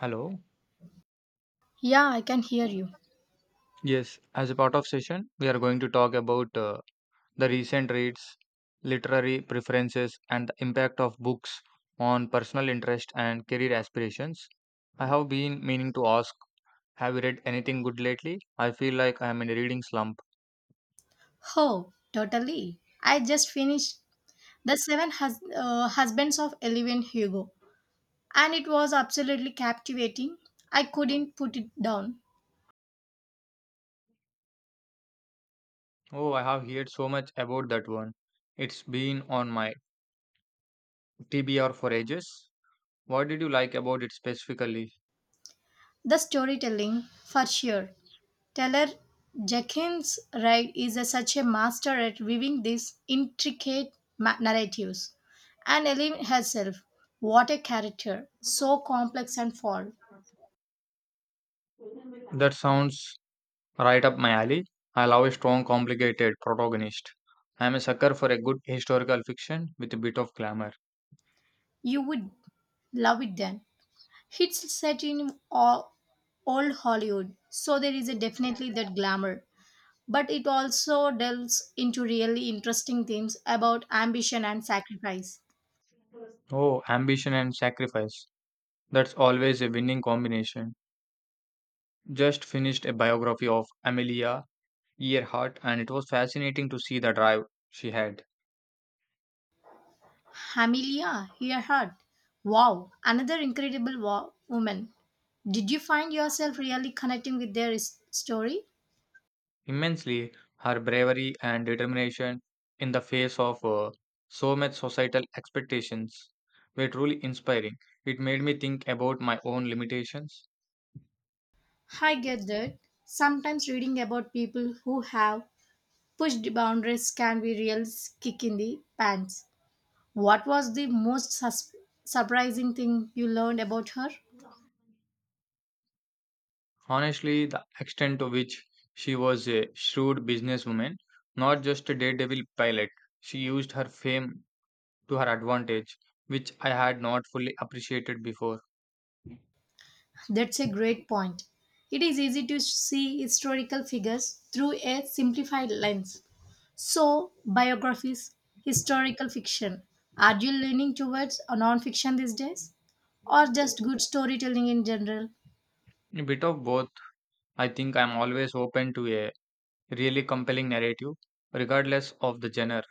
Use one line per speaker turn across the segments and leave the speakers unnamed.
Hello.
Yeah, I can hear you.
Yes, as a part of session, we are going to talk about the recent reads, literary preferences, and the impact of books on personal interest and career aspirations. I have been meaning to ask, have you read anything good lately? I feel like I am in a reading slump.
Oh, totally. I just finished The Seven Husbands of Eleven Hugo, and it was absolutely captivating. I couldn't put it down.
Oh, I have heard so much about that one. It's been on my TBR for ages. What did you like about it specifically?
The storytelling, for sure. Taylor Jenkins Reid is such a master at weaving these intricate narratives. And Ellen herself, what a character, so complex and flawed.
That sounds right up my alley. I love a strong, complicated protagonist. I am a sucker for a good historical fiction with a bit of glamour.
You would love it then. It's set in old Hollywood, so there is a definitely that glamour. But it also delves into really interesting themes about ambition and sacrifice.
Oh, ambition and sacrifice. That's always a winning combination. Just finished a biography of Amelia Earhart, and it was fascinating to see the drive she had.
Amelia Earhart. Wow, another incredible woman. Did you find yourself really connecting with their story?
Immensely, her bravery and determination in the face of so much societal expectations were truly inspiring. It made me think about my own limitations.
I get that. Sometimes reading about people who have pushed boundaries can be real kick in the pants. What was the most surprising thing you learned about her?
Honestly, the extent to which she was a shrewd businesswoman, not just a daredevil pilot, she used her fame to her advantage, which I had not fully appreciated before.
That's a great point. It is easy to see historical figures through a simplified lens. So, biographies, historical fiction. Are you leaning towards a non-fiction these days? Or just good storytelling in general?
A bit of both. I think I'm always open to a really compelling narrative, regardless of the genre,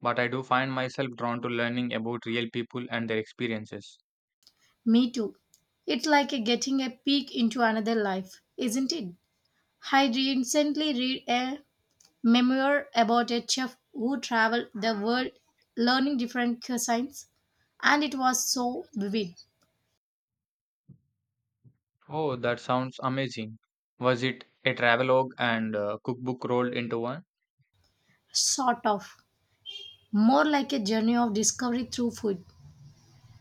but I do find myself drawn to learning about real people and their experiences.
Me too. It's like a getting a peek into another life, isn't it? I recently read a memoir about a chef who traveled the world learning different cuisines, and it was so vivid.
Oh, that sounds amazing. Was it a travelogue and cookbook rolled into one?
Sort of, more like a journey of discovery through food.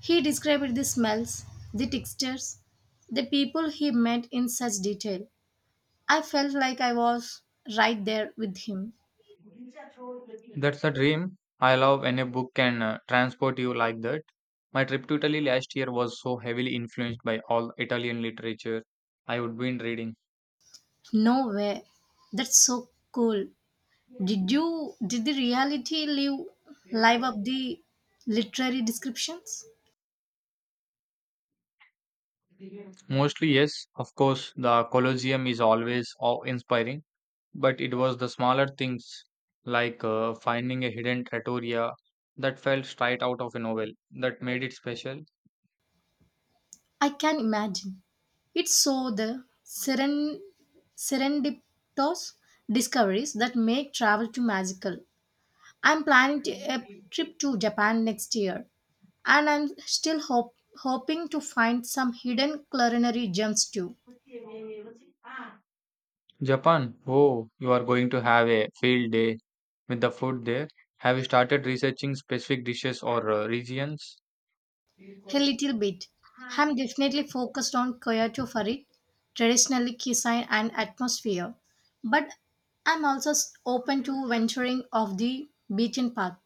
He described the smells, the textures, the people he met in such detail. I felt like I was right there with him.
That's the dream. I love when a book can transport you like that. My trip to Italy last year was so heavily influenced by all Italian literature I would been reading.
No way. That's so cool. Did the reality live up the literary descriptions?
Mostly, yes, of course, the Colosseum is always awe inspiring, but it was the smaller things like finding a hidden trattoria that felt straight out of a novel that made it special.
I can imagine. It's so the serendipitous discoveries that make travel to magical. I'm planning a trip to Japan next year, and I'm still hoping to find some hidden culinary gems too.
Japan, oh, you are going to have a field day with the food there. Have you started researching specific dishes or regions?
A little bit. I'm definitely focused on Kyoto for it, traditionally cuisine and atmosphere, but I'm also open to venturing off the beaten path.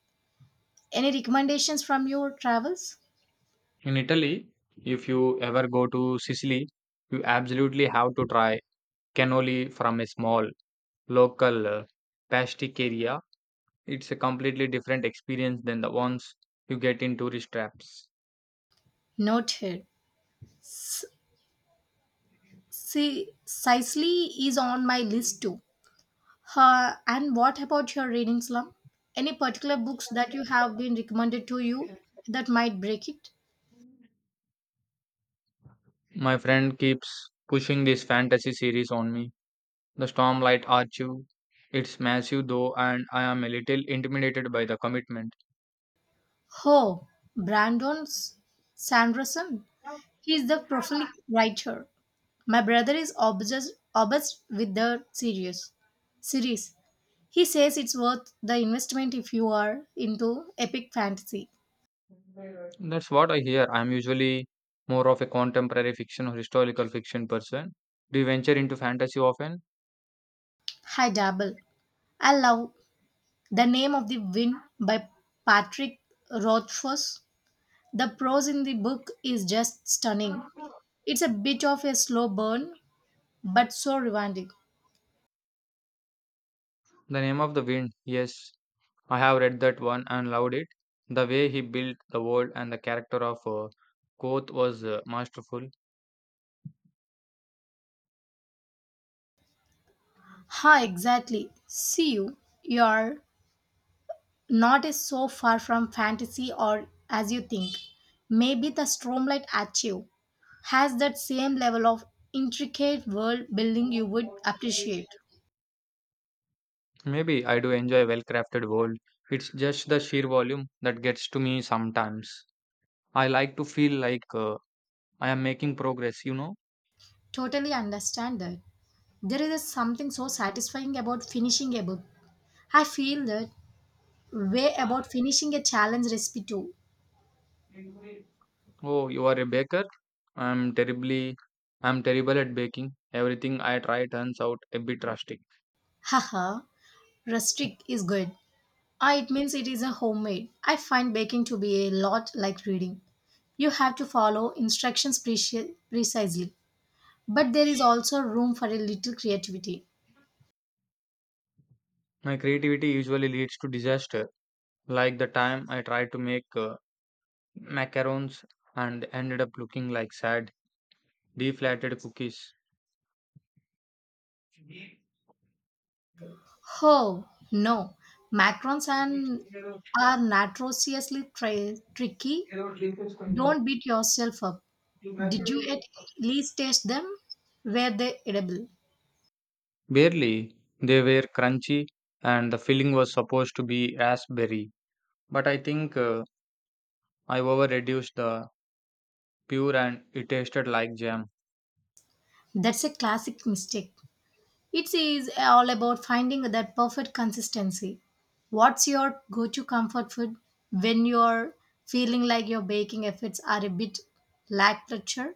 Any recommendations from your travels?
In Italy, if you ever go to Sicily, you absolutely have to try cannoli from a small local pasticceria. It's a completely different experience than the ones you get in tourist traps.
Note here. S- Sicily is on my list too. Her and what about your reading slump? Any particular books that you have been recommended to you that might break it?
My friend keeps pushing this fantasy series on me, The Stormlight Archive. It's massive though, and I am a little intimidated by the commitment.
Oh, Brandon Sanderson. He is the prolific writer. My brother is obsessed with the series. He says it's worth the investment if you are into epic fantasy.
That's what I hear. I'm usually more of a contemporary fiction or historical fiction person. Do you venture into fantasy often?
I dabble. I love The Name of the Wind by Patrick Rothfuss. The prose in the book is just stunning. It's a bit of a slow burn, but so rewarding.
The Name of the Wind. Yes, I have read that one and loved it. The way he built the world and the character of Koth was masterful.
Ha, exactly. See you. You're not as so far from fantasy or as you think. Maybe the Stormlight Archive has that same level of intricate world building you would appreciate.
Maybe I do enjoy a well-crafted world. It's just the sheer volume that gets to me sometimes. I like to feel like I am making progress, you know.
Totally understand that. There is something so satisfying about finishing a book. I feel that way about finishing a challenge recipe too.
Oh, you are a baker? I'm terribly I'm terrible at baking. Everything I try turns out a bit rustic.
Haha, rustic is good. Ah, it means it is a homemade. I find baking to be a lot like reading. You have to follow instructions precisely, but there is also room for a little creativity.
My creativity usually leads to disaster, like the time I tried to make macarons and ended up looking like sad, deflated cookies.
Oh no, macarons and are notoriously tricky. Don't beat yourself up. Did you at least taste them? Were they edible?
Barely, they were crunchy and the filling was supposed to be raspberry. But I think I overreduced the pure and it tasted like jam.
That's a classic mistake. It is all about finding that perfect consistency. What's your go to comfort food when you're feeling like your baking efforts are a bit lackluster?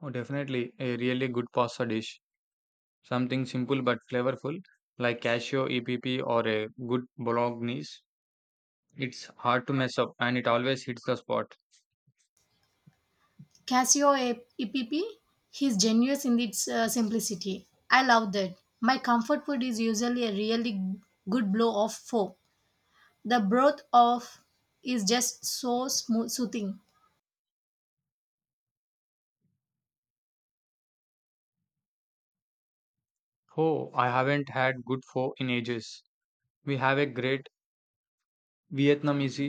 Oh, definitely a really good pasta dish. Something simple but flavorful like cashew EPP or a good bolognese. It's hard to mess up and it always hits the spot.
Casio EPP is genius in its simplicity. I love that. My comfort food is usually a really good blow of four. The broth of is just so smooth, soothing.
Oh, I haven't had good pho in ages. We have a great Vietnam is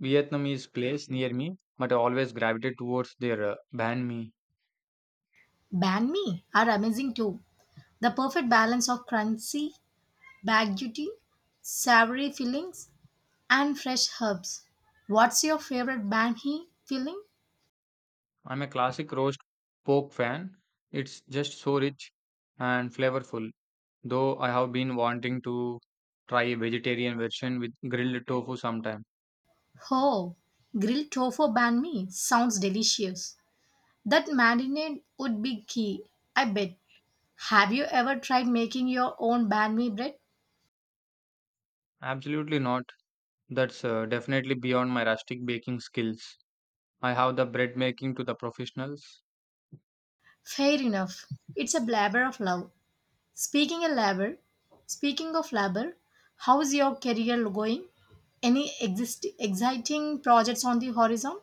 Vietnamese place near me, but I always gravitate towards their banh mi.
Banh mi are amazing too. The perfect balance of crunchy Bag duty, savory fillings, and fresh herbs. What's your favorite banh mi filling?
I'm a classic roast pork fan. It's just so rich and flavorful. Though I have been wanting to try a vegetarian version with grilled tofu sometime.
Oh, grilled tofu banh mi sounds delicious. That marinade would be key, I bet. Have you ever tried making your own banh mi bread?
Absolutely not. That's definitely beyond my rustic baking skills. I have the bread making to the professionals.
Fair enough. It's a labor of love. Speaking of labor, speaking of labor, how's your career going? Any exciting projects on the horizon?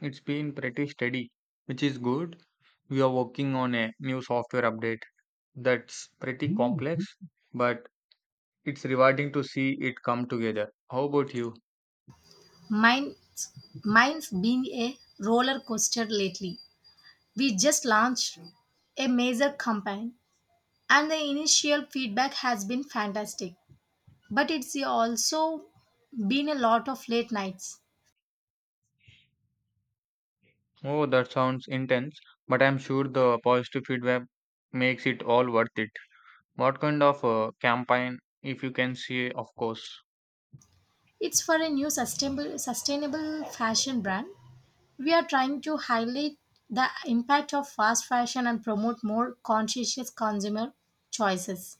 It's been pretty steady, which is good. We are working on a new software update that's pretty complex, but it's rewarding to see it come together. How about you?
Mine's, mine's been a roller coaster lately. We just launched a major campaign, and the initial feedback has been fantastic. But it's also been a lot of late nights.
Oh, that sounds intense, but I'm sure the positive feedback makes it all worth it. What kind of campaign, if you can see, of course.
It's for a new sustainable fashion brand. We are trying to highlight the impact of fast fashion and promote more conscientious consumer choices.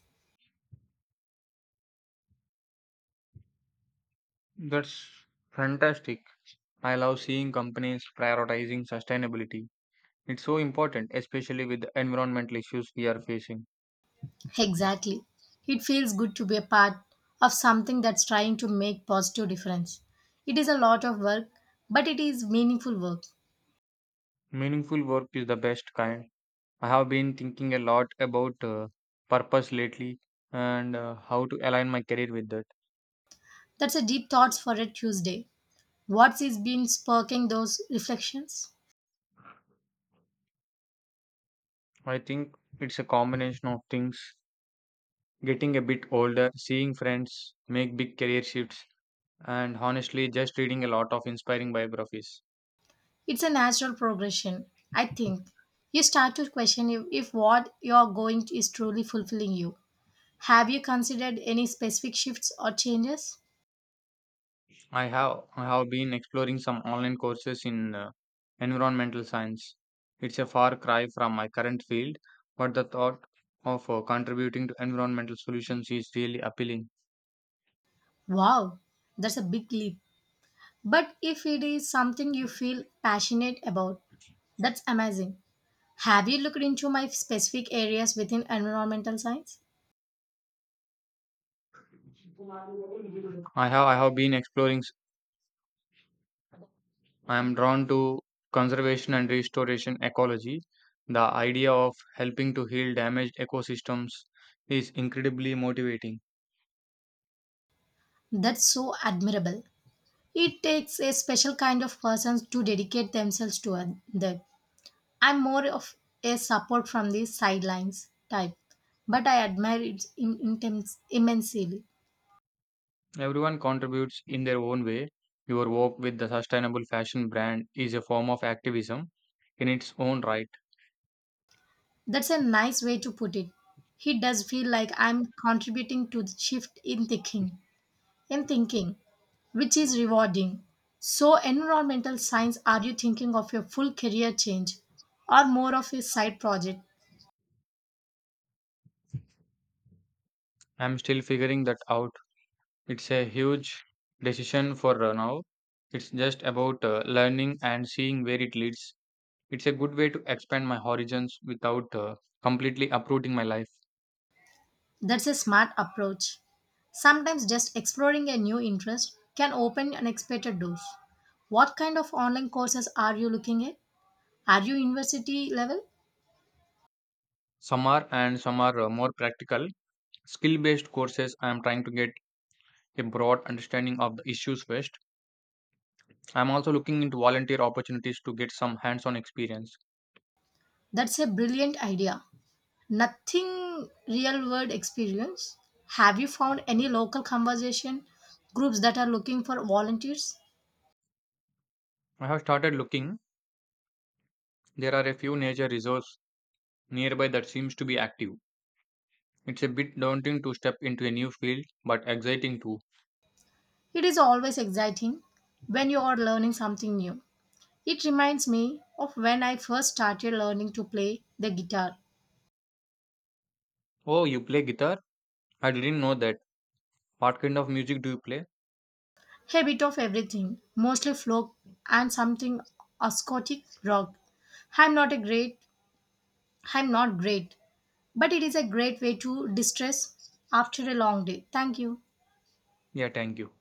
That's fantastic. I love seeing companies prioritizing sustainability. It's so important, especially with the environmental issues we are facing.
Exactly. It feels good to be a part of something that's trying to make positive difference. It is a lot of work, but it is meaningful work.
Meaningful work is the best kind. I have been thinking a lot about purpose lately and how to align my career with that.
That's a deep thoughts for a Tuesday. What's is been sparking those reflections?
I think it's a combination of things getting a bit older, seeing friends make big career shifts, and honestly, just reading a lot of inspiring biographies.
It's a natural progression, I think. You start to question if what you're going is truly fulfilling you. Have you considered any specific shifts or changes?
I have been exploring some online courses in environmental science. It's a far cry from my current field, but the thought of contributing to environmental solutions is really appealing.
Wow, that's a big leap. But if it is something you feel passionate about, that's amazing. Have you looked into my specific areas within environmental science?
I have been exploring. I am drawn to conservation and restoration ecology. The idea of helping to heal damaged ecosystems is incredibly motivating.
That's so admirable. It takes a special kind of persons to dedicate themselves to that. I'm more of a support from the sidelines type, but I admire it immensely.
Everyone contributes in their own way. Your work with the sustainable fashion brand is a form of activism in its own right.
That's a nice way to put it. He does feel like I'm contributing to the shift in thinking, which is rewarding. So, environmental science, are you thinking of a full career change or more of a side project?
I'm still figuring that out. It's a huge decision for now. It's just about learning and seeing where it leads. It's a good way to expand my horizons without completely uprooting my life.
That's a smart approach. Sometimes just exploring a new interest can open unexpected doors. What kind of online courses are you looking at? Are you university level?
Some are and some are more practical skill based courses. I am trying to get a broad understanding of the issues first. I am also looking into volunteer opportunities to get some hands on experience.
That's a brilliant idea. Nothing real world experience. Have you found any local conversation groups that are looking for volunteers?
I have started looking. There are a few nature reserves nearby that seems to be active. It's a bit daunting to step into a new field but exciting too.
It is always exciting when you are learning something new. It reminds me of when I first started learning to play the guitar.
Oh, you play guitar. I didn't know that. What kind of music do you play?
A bit of everything, mostly folk and something acoustic rock. I'm not a great, I'm not great, but it is a great way to distress after a long day. Thank you.
Yeah, thank you.